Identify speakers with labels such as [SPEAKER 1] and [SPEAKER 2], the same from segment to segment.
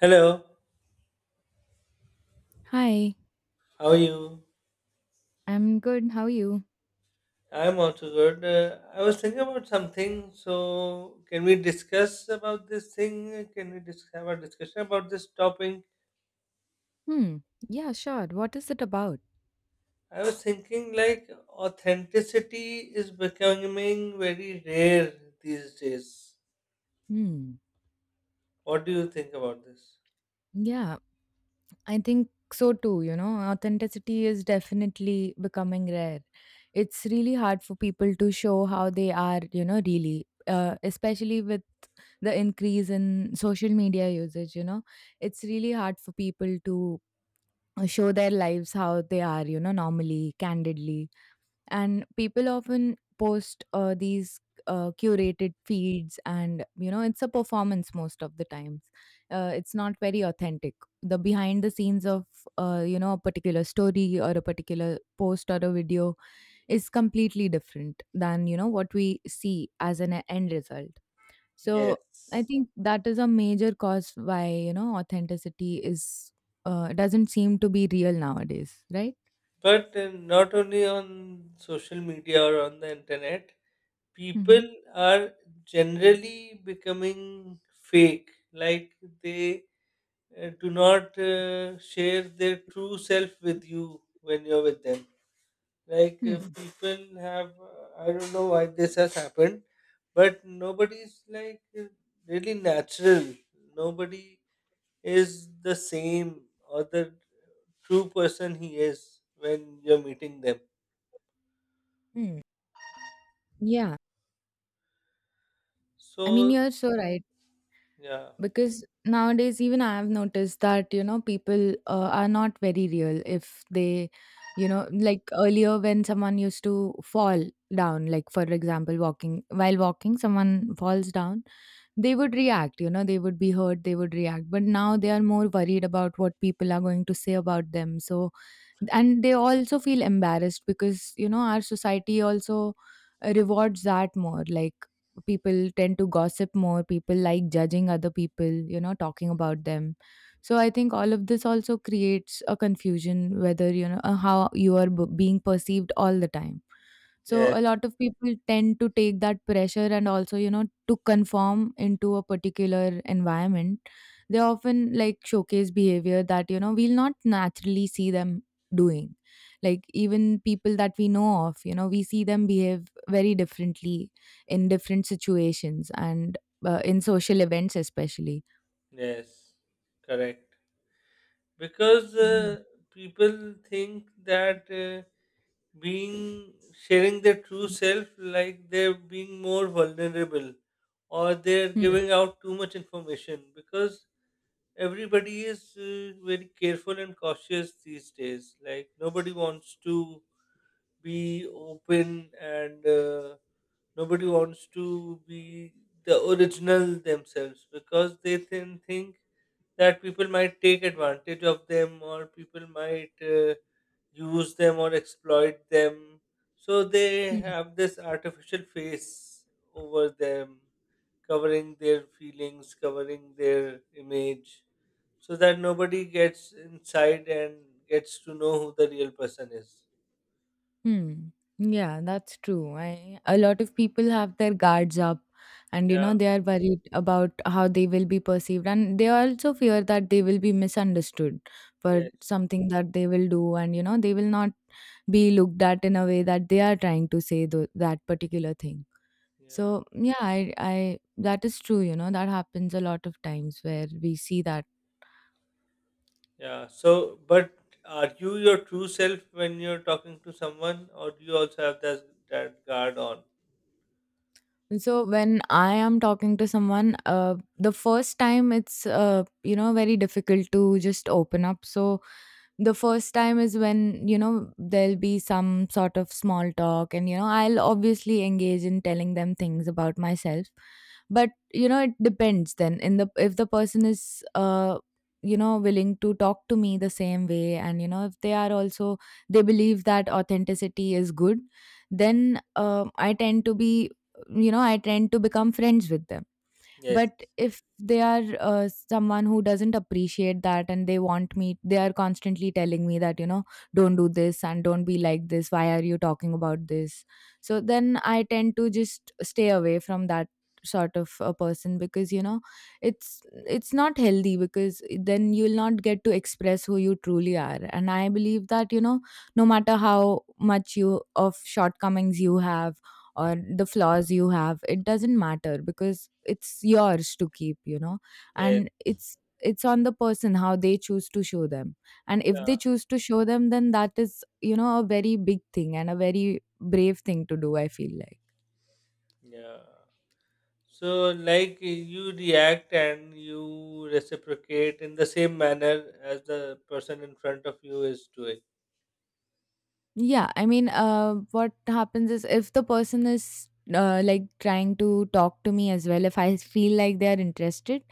[SPEAKER 1] Hello,
[SPEAKER 2] Hi,
[SPEAKER 1] how are you?
[SPEAKER 2] I'm good. How are you?
[SPEAKER 1] I'm also good. I was thinking about something, so can we discuss about this thing? Have a discussion about this topic?
[SPEAKER 2] Hmm. Yeah, sure. What is it about?
[SPEAKER 1] I was thinking like authenticity is becoming very rare these days.
[SPEAKER 2] Hmm.
[SPEAKER 1] What do you think about this?
[SPEAKER 2] Yeah, I think so too. Authenticity is definitely becoming rare. It's really hard for people to show how they are, really, especially with the increase in social media usage. It's really hard for people to show their lives how they are, normally, candidly. And people often post these curated feeds, and it's a performance most of the times. It's not very authentic. The behind the scenes of a particular story or a particular post or a video is completely different than what we see as an end result. So I
[SPEAKER 1] Yes.
[SPEAKER 2] think that is a major cause why authenticity is doesn't seem to be real nowadays, right?
[SPEAKER 1] But not only on social media or on the internet, people
[SPEAKER 2] Mm-hmm.
[SPEAKER 1] are generally becoming fake. Like they do not share their true self with you when you're with them. Like
[SPEAKER 2] Hmm.
[SPEAKER 1] people have, I don't know why this has happened, but nobody's like really natural. Nobody is the same or the true person he is when you're meeting them.
[SPEAKER 2] Hmm. Yeah, I mean,
[SPEAKER 1] So
[SPEAKER 2] you're so right.
[SPEAKER 1] yeah,
[SPEAKER 2] Because nowadays, even I have noticed that, people are not very real. If they, like earlier, when someone used to fall down, like for example, walking, while walking, someone falls down, they would react, they would be hurt, they would react. But now they are more worried about what people are going to say about them. So and they also feel embarrassed, because our society also rewards that more. Like, people tend to gossip more. People like judging other people, talking about them. So I think all of this also creates a confusion, whether how you are being perceived all the time. So
[SPEAKER 1] yes,
[SPEAKER 2] a lot of people tend to take that pressure, and also, to conform into a particular environment. They often like showcase behavior that, we'll not naturally see them doing. Like even people that we know of, we see them behave very differently in different situations, and in social events, especially.
[SPEAKER 1] yes, correct. Because
[SPEAKER 2] Yeah.
[SPEAKER 1] people think that. Being sharing their true self like they're being more vulnerable or they're giving out too much information because everybody is very careful and cautious these days, like nobody wants to be open and nobody wants to be the original themselves, because they then think that people might take advantage of them or people might use them or exploit them. So they
[SPEAKER 2] Hmm.
[SPEAKER 1] have this artificial face over them, covering their feelings, covering their image, so that nobody gets inside and gets to know who the real person is.
[SPEAKER 2] Hmm. Yeah, that's true. A lot of people have their guards up, and
[SPEAKER 1] Yeah,
[SPEAKER 2] they are worried about how they will be perceived, and they also fear that they will be misunderstood for
[SPEAKER 1] yes,
[SPEAKER 2] something that they will do, and they will not be looked at in a way that they are trying to say that particular thing.
[SPEAKER 1] yeah,
[SPEAKER 2] So, yeah, I that is true, that happens a lot of times where we see that.
[SPEAKER 1] yeah. So, but are you your true self when you're talking to someone, or do you also have that, that guard on?
[SPEAKER 2] So when I am talking to someone, the first time it's very difficult to just open up. So the first time is when there'll be some sort of small talk, and I'll obviously engage in telling them things about myself. But it depends. Then, in the if the person is willing to talk to me the same way, and if they are also they believe that authenticity is good, then I tend to be, I tend to become friends with them.
[SPEAKER 1] Yes,
[SPEAKER 2] But if they are someone who doesn't appreciate that, and they are constantly telling me that, don't do this and don't be like this, why are you talking about this? So then I tend to just stay away from that sort of a person, because it's not healthy, because then you'll not get to express who you truly are. And I believe that, no matter how much you of shortcomings you have or the flaws you have, it doesn't matter, because it's yours to keep,
[SPEAKER 1] yes,
[SPEAKER 2] and it's on the person how they choose to show them. And if
[SPEAKER 1] yeah,
[SPEAKER 2] they choose to show them, then that is, a very big thing and a very brave thing to do, I feel like.
[SPEAKER 1] yeah. So, like you react and you reciprocate in the same manner as the person in front of you is doing.
[SPEAKER 2] Yeah, I mean, what happens is, if the person is like trying to talk to me as well, if I feel like they are interested,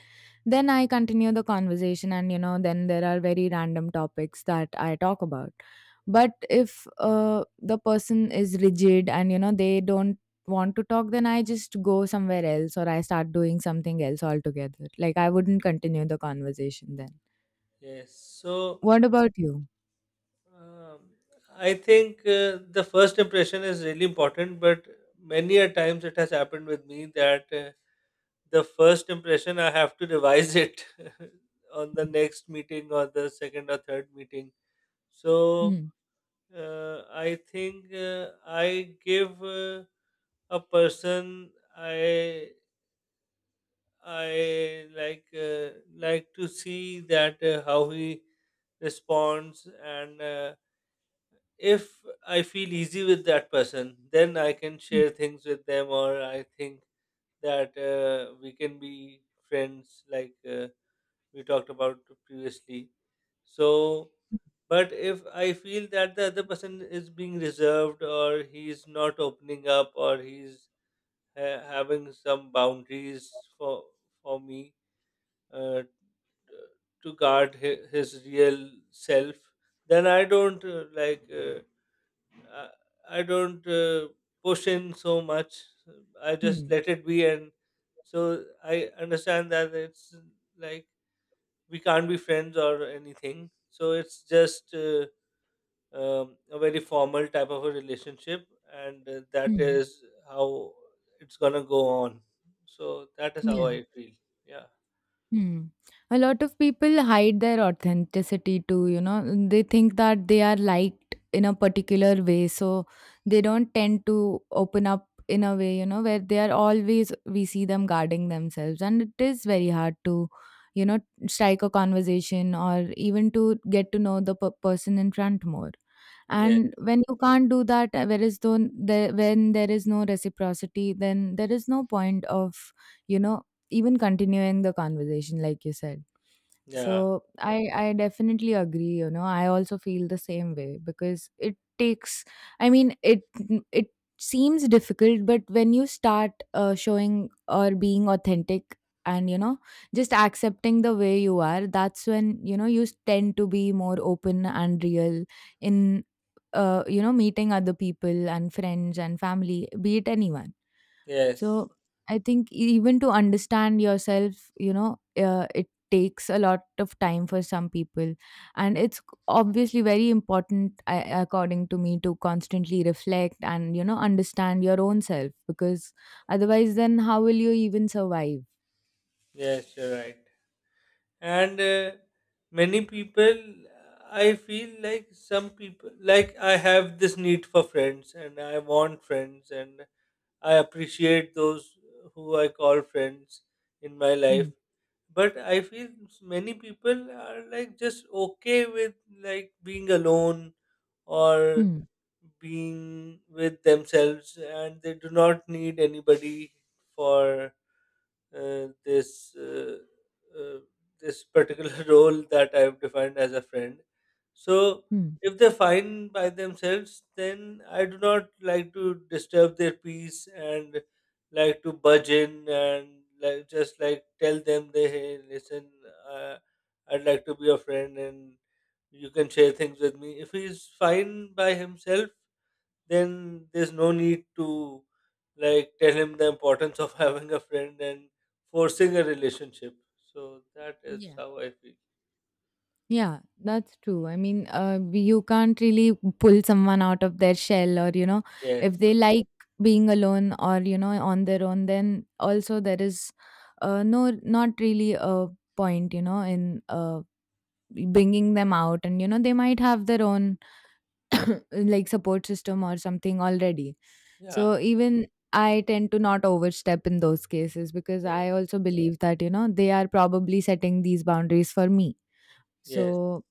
[SPEAKER 2] then I continue the conversation, and then there are very random topics that I talk about. But if the person is rigid, and they don't want to talk, then I just go somewhere else, or I start doing something else altogether. Like I wouldn't continue the conversation then.
[SPEAKER 1] Yes. So,
[SPEAKER 2] What about you?
[SPEAKER 1] um, I think the first impression is really important, but many a times it has happened with me that the first impression I have to revise it on the next meeting or the second or third meeting. So,
[SPEAKER 2] Hmm.
[SPEAKER 1] I think I give. A person I like to see that how he responds, and if I feel easy with that person, then I can share things with them, or I think that we can be friends, like we talked about previously. So, but if I feel that the other person is being reserved, or he's not opening up, or he's having some boundaries for me, uh. To guard his real self, then I don't like I I don't push in so much. I just
[SPEAKER 2] Hmm.
[SPEAKER 1] let it be, and so I understand that it's like we can't be friends or anything, so it's just a very formal type of a relationship, and that
[SPEAKER 2] Hmm. Hmm.
[SPEAKER 1] is how it's gonna go on. So that is how
[SPEAKER 2] Yeah.
[SPEAKER 1] I feel. Yeah,
[SPEAKER 2] Hmm. A lot of people hide their authenticity too, you know. They think that they are liked in a particular way, so they don't tend to open up in a way, where they are always, we see them guarding themselves. And it is very hard to, you know, strike a conversation or even to get to know the person in front more.
[SPEAKER 1] yeah,
[SPEAKER 2] And when you can't do that, whereas though there, when there is no reciprocity, then there is no point of, you know, even continuing the conversation like you said.
[SPEAKER 1] yeah,
[SPEAKER 2] So I definitely agree, I also feel the same way, because it takes, I mean, it seems difficult, but when you start showing or being authentic, and just accepting the way you are, that's when you tend to be more open and real in meeting other people and friends and family, be it anyone.
[SPEAKER 1] yes.
[SPEAKER 2] So I think even to understand yourself, it takes a lot of time for some people, and it's obviously very important, I, according to me, to constantly reflect and understand your own self, because otherwise, then how will you even survive?
[SPEAKER 1] Yes, you're right. And many people, I feel like some people, like I have this need for friends, and I want friends, and I appreciate those who I call friends in my life.
[SPEAKER 2] Hmm.
[SPEAKER 1] But I feel many people are like just okay with like being alone or
[SPEAKER 2] Hmm.
[SPEAKER 1] being with themselves, and they do not need anybody for uh, this uh, uh, this particular role that I've defined as a friend. So
[SPEAKER 2] Hmm.
[SPEAKER 1] if they find by themselves, then I do not like to disturb their peace and like to budge in and like just like tell them they, hey listen, uh, I'd like to be your friend and you can share things with me. If he's fine by himself, then there's no need to like tell him the importance of having a friend and forcing a relationship. So that is
[SPEAKER 2] Yeah.
[SPEAKER 1] how I feel.
[SPEAKER 2] Yeah, that's true. I mean, you can't really pull someone out of their shell, or you know, if
[SPEAKER 1] Yes.
[SPEAKER 2] they like being alone or on their own, then also there is no, not really a point, in bringing them out, and they might have their own like support system or something already.
[SPEAKER 1] Yeah.
[SPEAKER 2] So even I tend to not overstep in those cases, because
[SPEAKER 1] Yes.
[SPEAKER 2] I also believe that they are probably setting these boundaries for me.
[SPEAKER 1] Yes.
[SPEAKER 2] So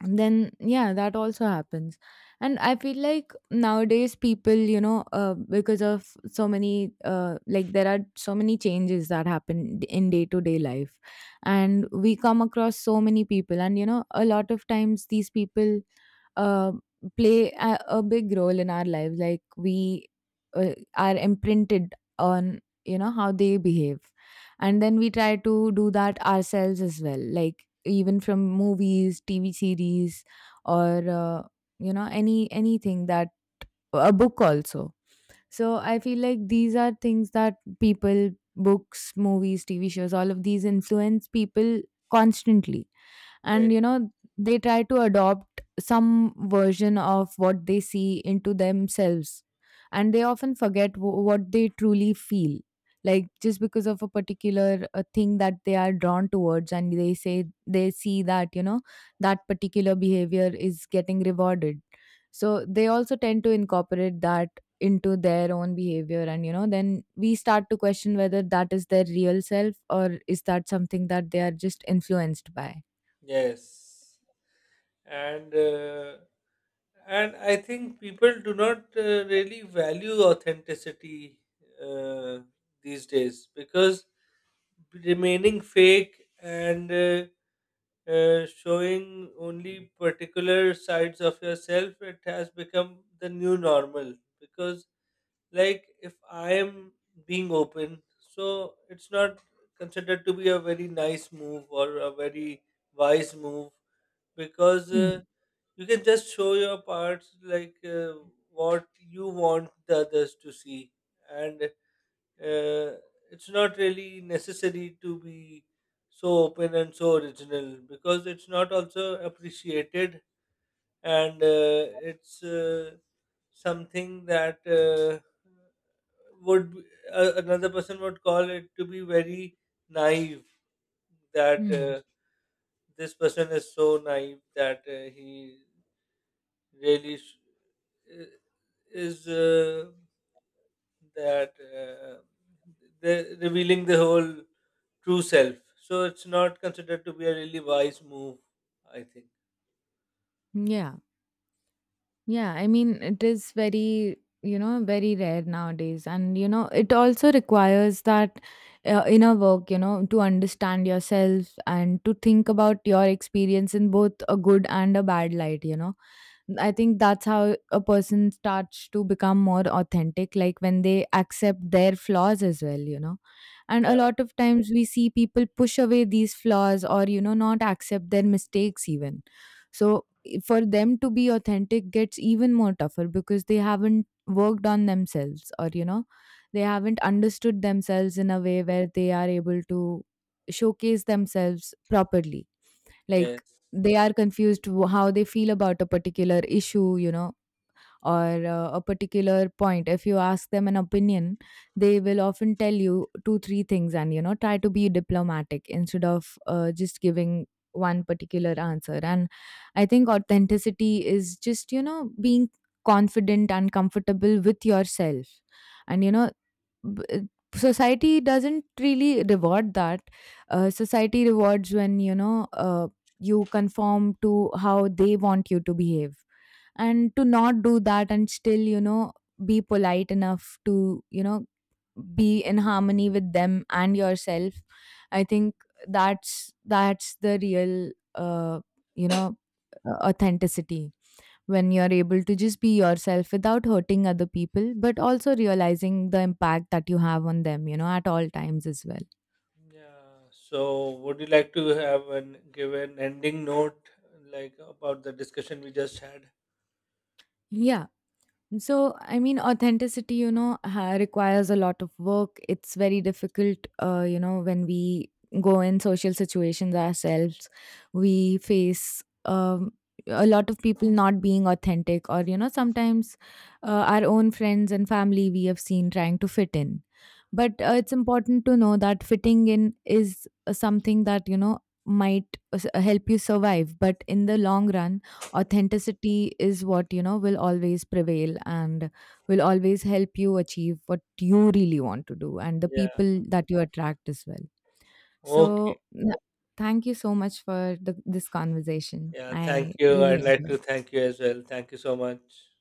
[SPEAKER 2] and then yeah, that also happens. And I feel like nowadays people, because of so many like there are so many changes that happen in day to day life, and we come across so many people, and a lot of times these people uh, play a big role in our lives, like we are imprinted on how they behave, and then we try to do that ourselves as well, like even from movies, TV series, or anything, that a book also. So I feel like these are things that people, books, movies, TV shows, all of these influence people constantly. And,
[SPEAKER 1] Yes.
[SPEAKER 2] you know, they try to adopt some version of what they see into themselves. And they often forget what they truly feel. Like just because of a particular thing that they are drawn towards, and they say they see that, that particular behavior is getting rewarded, so they also tend to incorporate that into their own behavior. And then we start to question whether that is their real self, or is that something that they are just influenced by.
[SPEAKER 1] Yes. And and I think people do not really value authenticity uh, these days, because remaining fake and showing only particular sides of yourself, it has become the new normal. Because, like, if I am being open, so it's not considered to be a very nice move or a very wise move, because you can just show your parts like what you want the others to see, and uh, it's not really necessary to be so open and so original, because it's not also appreciated. And it's something that would be- another person would call it to be very naive, that
[SPEAKER 2] Mm-hmm.
[SPEAKER 1] this person is so naive that he really sh- i- is that the revealing the whole true self. So it's not considered to be a really wise move, I think.
[SPEAKER 2] Yeah. Yeah, I mean, it is very, very rare nowadays. And, you know, it also requires that inner work, to understand yourself and to think about your experience in both a good and a bad light, you know. I think that's how a person starts to become more authentic, like when they accept their flaws as well, you know. And a
[SPEAKER 1] Yeah,
[SPEAKER 2] lot of times we see people push away these flaws, or, not accept their mistakes even. So for them to be authentic gets even more tougher, because they haven't worked on themselves, or they haven't understood themselves in a way where they are able to showcase themselves properly, like
[SPEAKER 1] yes.
[SPEAKER 2] they are confused how they feel about a particular issue, or a particular point. If you ask them an opinion, they will often tell you two three things, and try to be diplomatic instead of just giving one particular answer. And I think authenticity is just, being confident and comfortable with yourself. And b- uh, society doesn't really reward that. Society rewards when you conform to how they want you to behave. And to not do that and still, be polite enough to, be in harmony with them and yourself, I think that's the real, you know authenticity, when you're able to just be yourself without hurting other people, but also realizing the impact that you have on them, at all times as well.
[SPEAKER 1] Yeah. So would you like to have an give an ending note like about the discussion we just had?
[SPEAKER 2] Yeah. So, I mean, authenticity, requires a lot of work. It's very difficult, you know, when we go in social situations ourselves, we face a lot of people not being authentic, or, sometimes our own friends and family we have seen trying to fit in. But it's important to know that fitting in is something that, might help you survive. But in the long run, authenticity is what, will always prevail, and will always help you achieve what you really want to do and the
[SPEAKER 1] Yeah.
[SPEAKER 2] people that you attract as well.
[SPEAKER 1] Okay.
[SPEAKER 2] So, thank you so much for this conversation.
[SPEAKER 1] Yeah, thank
[SPEAKER 2] I
[SPEAKER 1] you. I'd
[SPEAKER 2] really
[SPEAKER 1] like
[SPEAKER 2] enjoyed.
[SPEAKER 1] to thank you as well. Thank you so much.